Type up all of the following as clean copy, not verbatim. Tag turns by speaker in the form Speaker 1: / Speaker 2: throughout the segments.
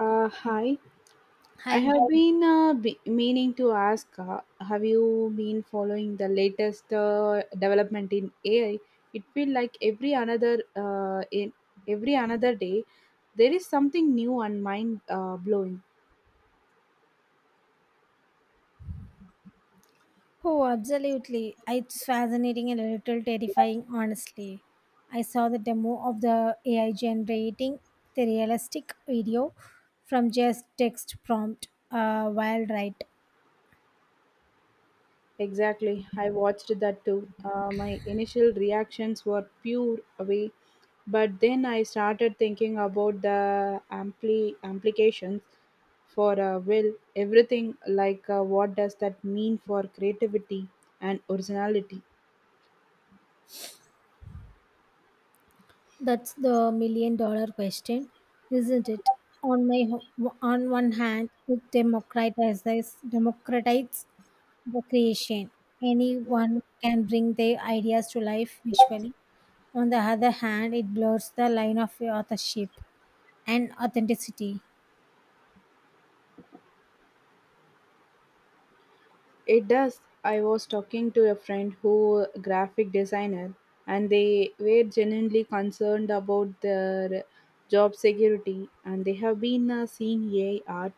Speaker 1: Hi, I
Speaker 2: Hi.
Speaker 1: have been meaning to ask, have you been following the latest development in AI? It feels like every another in every another day there is something new and mind blowing
Speaker 2: Oh, absolutely. It's fascinating and a little terrifying, honestly. I saw the demo of the AI generating the realistic video from just text prompt while right.
Speaker 1: Exactly. I watched that too. My initial reactions were pure away, but then I started thinking about the implications for, will everything, like, what does that mean for creativity and originality?
Speaker 2: That's the million dollar question, isn't it? On one hand, it democratizes the creation. Anyone can bring their ideas to life visually. On the other hand, it blurs the line of authorship and authenticity.
Speaker 1: It does. I was talking to a friend who graphic designer, and they were genuinely concerned about their job security, and they have been seeing AI art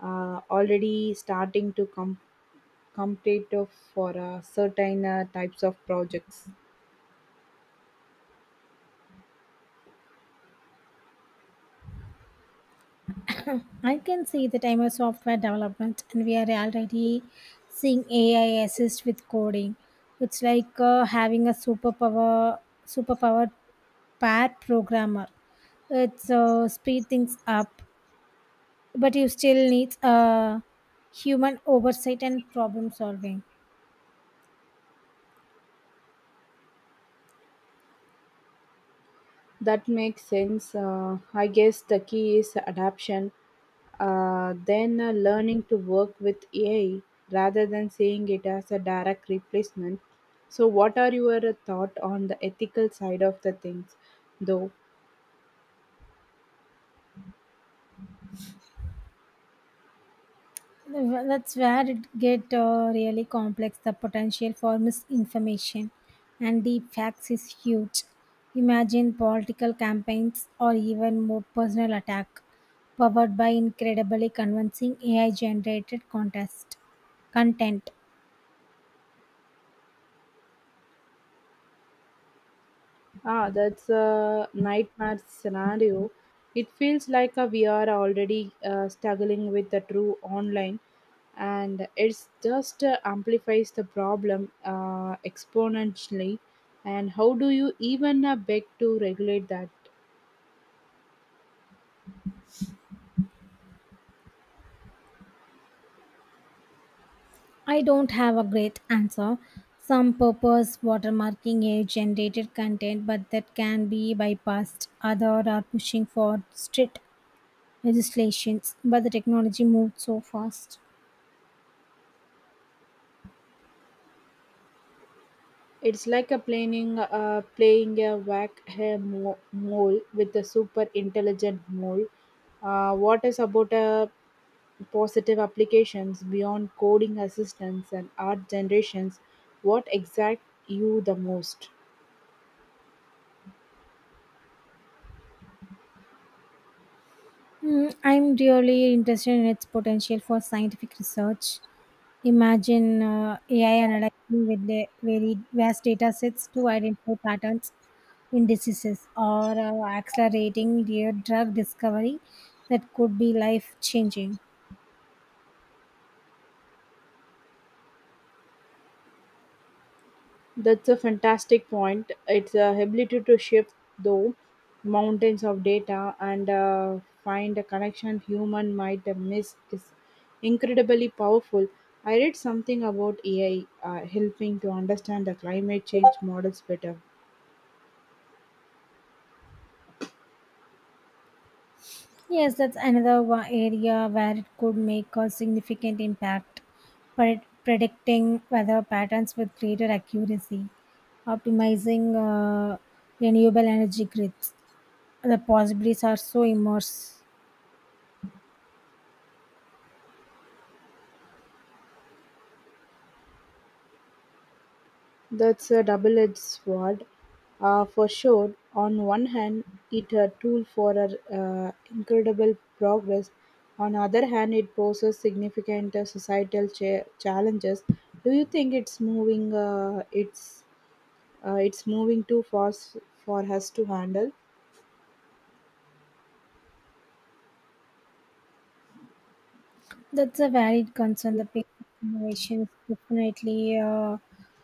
Speaker 1: already starting to come competitive for certain types of projects.
Speaker 2: I can see the time of software development, and we are already seeing AI assist with coding. It's like having a superpower pair programmer. It's speed things up, but you still need human oversight and problem solving.
Speaker 1: That makes sense. I guess the key is adaptation, then learning to work with AI rather than seeing it as a direct replacement. So, what are your thought on the ethical side of the things, though?
Speaker 2: That's where it get really complex. The potential for misinformation and deep facts is huge. Imagine political campaigns or even more personal attack powered by incredibly convincing AI generated contest content.
Speaker 1: Ah, that's a nightmare scenario. It feels like we are already struggling with the true online, and it's just amplifies the problem exponentially. And how do you even beg to regulate that?
Speaker 2: I don't have a great answer. Some purpose watermarking AI generated content, but that can be bypassed. Other are pushing for strict legislations, but the technology moved so fast.
Speaker 1: It's like a playing playing a whack a mole with a super intelligent mole. What is about a positive applications beyond coding assistance and art generations, what exact you the most?
Speaker 2: Mm, I'm really interested in its potential for scientific research. Imagine AI analyzing with the very vast data sets to identify patterns in diseases or accelerating their drug discovery that could be life changing.
Speaker 1: That's a fantastic point. It's a ability to shift though mountains of data and find a connection human might miss is incredibly powerful. I read something about AI helping to understand the climate change models better.
Speaker 2: Yes, that's another one area where it could make a significant impact, predicting weather patterns with greater accuracy, optimizing renewable energy grids. The possibilities are so immense.
Speaker 1: That's a double-edged sword, for sure. On one hand, it a tool for incredible progress. On the other hand, it poses significant societal challenges. Do you think it's moving? It's moving too fast for us to handle?
Speaker 2: That's a valid concern. The pace of innovation is definitely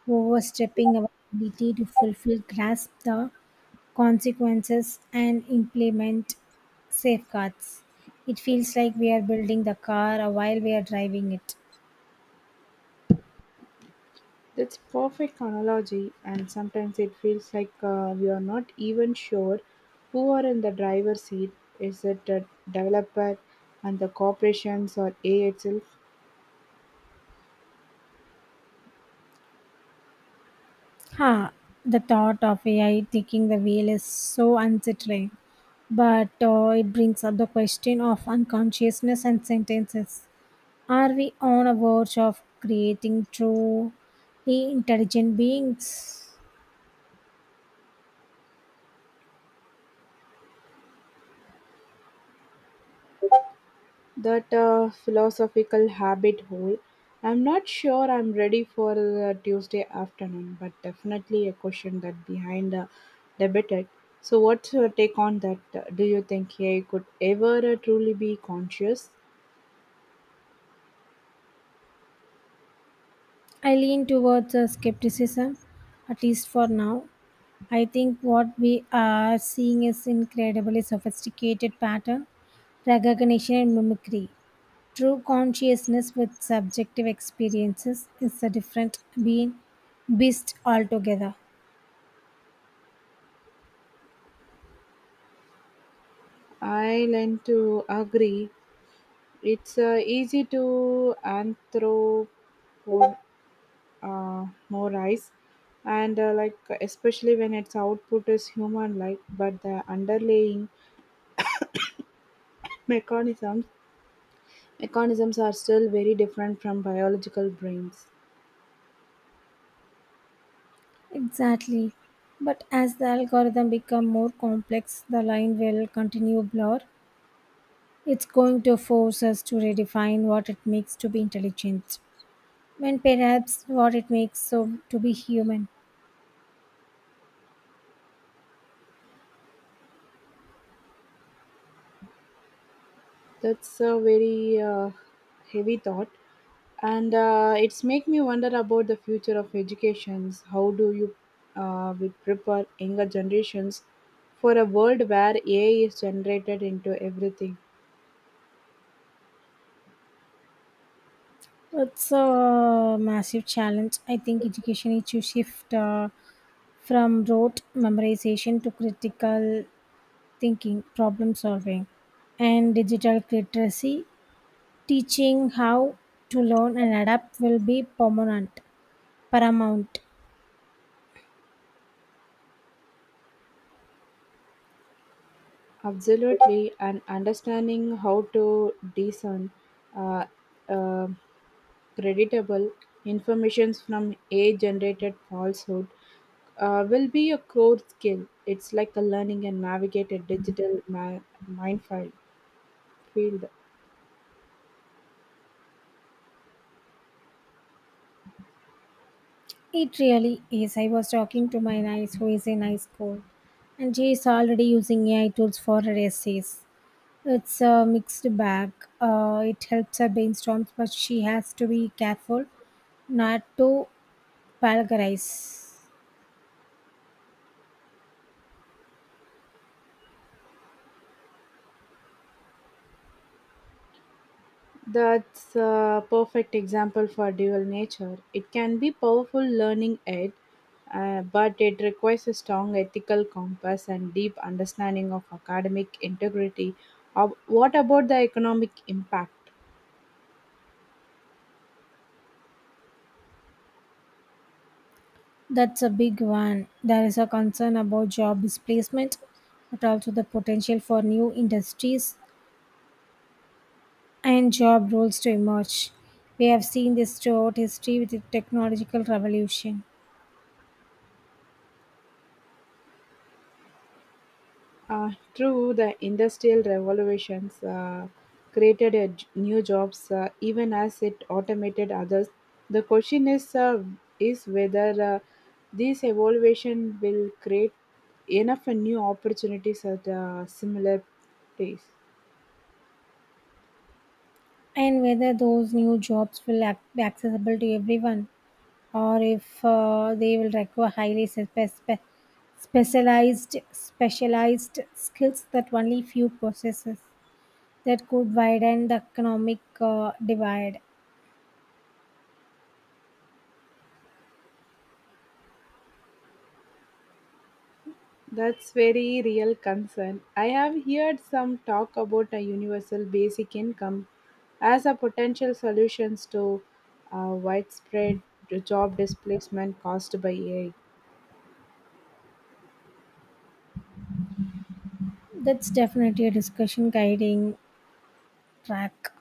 Speaker 2: overstepping our ability to fulfill, grasp the consequences, and implement safeguards. It feels like we are building the car while we are driving it.
Speaker 1: That's perfect analogy, and sometimes it feels like we are not even sure who are in the driver's seat. Is it the developer and the corporations, or AI itself?
Speaker 2: Huh. The thought of AI taking the wheel is so unsettling, but it brings up the question of unconsciousness and sentences. Are we on a verge of creating truly intelligent beings?
Speaker 1: That philosophical habit hole. I'm not sure I'm ready for the Tuesday afternoon, but definitely a question that behind the debated. So, what's your take on that? Do you think AI could ever truly be conscious?
Speaker 2: I lean towards a skepticism, at least for now. I think what we are seeing is incredibly sophisticated pattern recognition and mimicry. True consciousness with subjective experiences is a different beast altogether.
Speaker 1: I lean to agree. It's easy to anthropomorphize, and, like, especially when its output is human-like, but the underlying mechanisms mechanisms are still very different from biological brains.
Speaker 2: Exactly. But as the algorithm become more complex, the line will continue blur. It's going to force us to redefine what it means to be intelligent and perhaps what it makes so to be human.
Speaker 1: That's a very heavy thought, and it's make me wonder about the future of educations. How do you we prepare younger generations for a world where AI is generated into everything?
Speaker 2: It's a massive challenge. I think education needs to shift from rote memorization to critical thinking, problem solving, and digital literacy. Teaching how to learn and adapt will be paramount.
Speaker 1: Absolutely, and understanding how to discern, uh, uh, creditable informations from AI generated falsehood will be a core skill. It's like a learning and navigate a digital minefield. Field.
Speaker 2: It really is. I was talking to my niece who is in high school, and she is already using AI tools for her essays. It's a mixed bag. It helps her brainstorm, but she has to be careful not to plagiarize.
Speaker 1: That's a perfect example for dual nature. It can be powerful learning aid, but it requires a strong ethical compass and deep understanding of academic integrity. What about the economic impact?
Speaker 2: That's a big one. There is a concern about job displacement, but also the potential for new industries and job roles to emerge. We have seen this throughout history with the technological revolution.
Speaker 1: True, the industrial revolutions created new jobs, even as it automated others. The question is whether this evolution will create enough new opportunities at a similar pace.
Speaker 2: And whether those new jobs will be accessible to everyone or if they will require highly specialized skills that only few possesses. That could widen the economic divide.
Speaker 1: That's very real concern. I have heard some talk about a universal basic income as a potential solutions to widespread job displacement caused by AI.
Speaker 2: That's definitely a discussion guiding track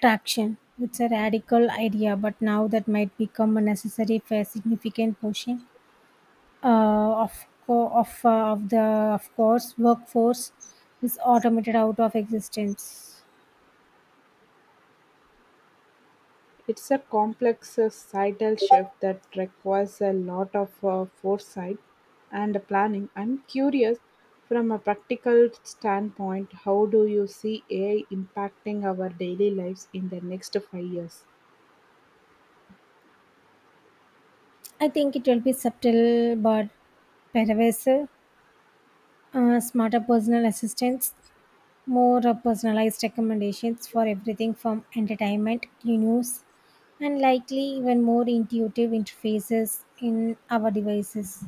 Speaker 2: traction. It's a radical idea, but now that might become a necessary for significant pushing of co- of the of course workforce is automated out of existence.
Speaker 1: It's a complex sidal shift that requires a lot of foresight and planning. I'm curious, from a practical standpoint, how do you see AI impacting our daily lives in the next 5 years?
Speaker 2: I think it will be subtle but pervasive. Smarter personal assistants, more personalized recommendations for everything from entertainment to news, and likely even more intuitive interfaces in our devices.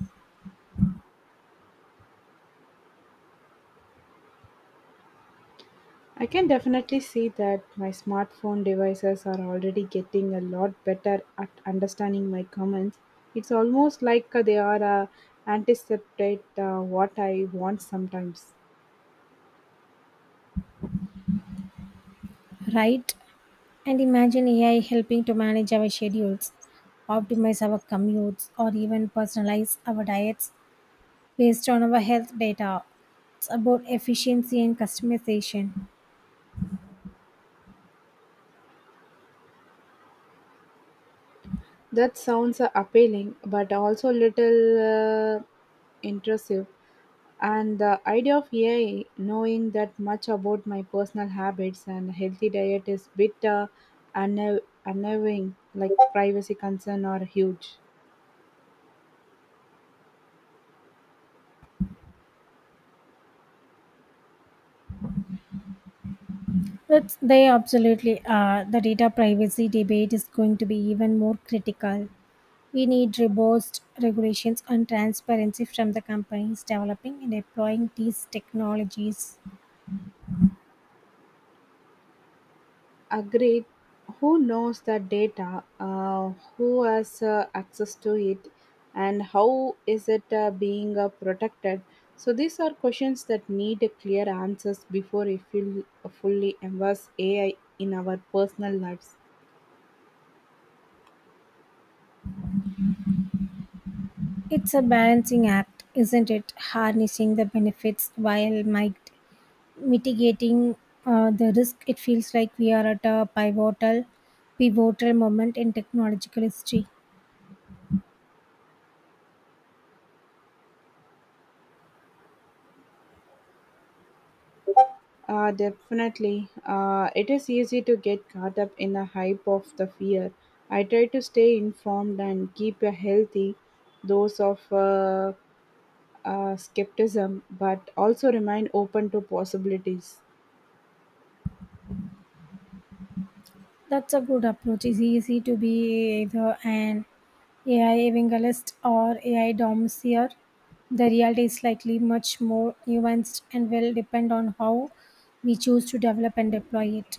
Speaker 1: I can definitely see that my smartphone devices are already getting a lot better at understanding my comments. It's almost like they are anticipate what I want sometimes.
Speaker 2: Right? And imagine AI helping to manage our schedules, optimize our commutes, or even personalize our diets based on our health data. It's about efficiency and customization.
Speaker 1: That sounds appealing, but also little, uh, intrusive. And the idea of AI knowing that much about my personal habits and healthy diet is bit, unnerving, like privacy concern are huge.
Speaker 2: But they absolutely are. The data privacy debate is going to be even more critical. We need robust regulations and transparency from the companies developing and deploying these technologies.
Speaker 1: Agreed. Who knows the data? Who has access to it? And how is it being protected? So these are questions that need clear answers before we feel fully embrace AI in our personal lives.
Speaker 2: It's a balancing act, isn't it? Harnessing the benefits while might mitigating the risk. It feels like we are at a pivotal moment in technological history.
Speaker 1: Definitely. It is easy to get caught up in the hype of the fear. I try to stay informed and keep a healthy dose of skepticism, but also remain open to possibilities.
Speaker 2: That's a good approach. It's easy to be either an AI evangelist or AI domseer. The reality is likely much more nuanced and will depend on how we choose to develop and deploy it.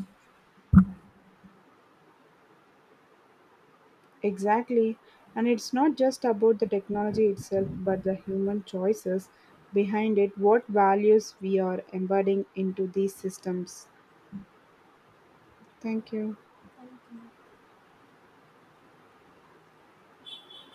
Speaker 1: Exactly. And it's not just about the technology itself, but the human choices behind it, what values we are embedding into these systems. Thank you.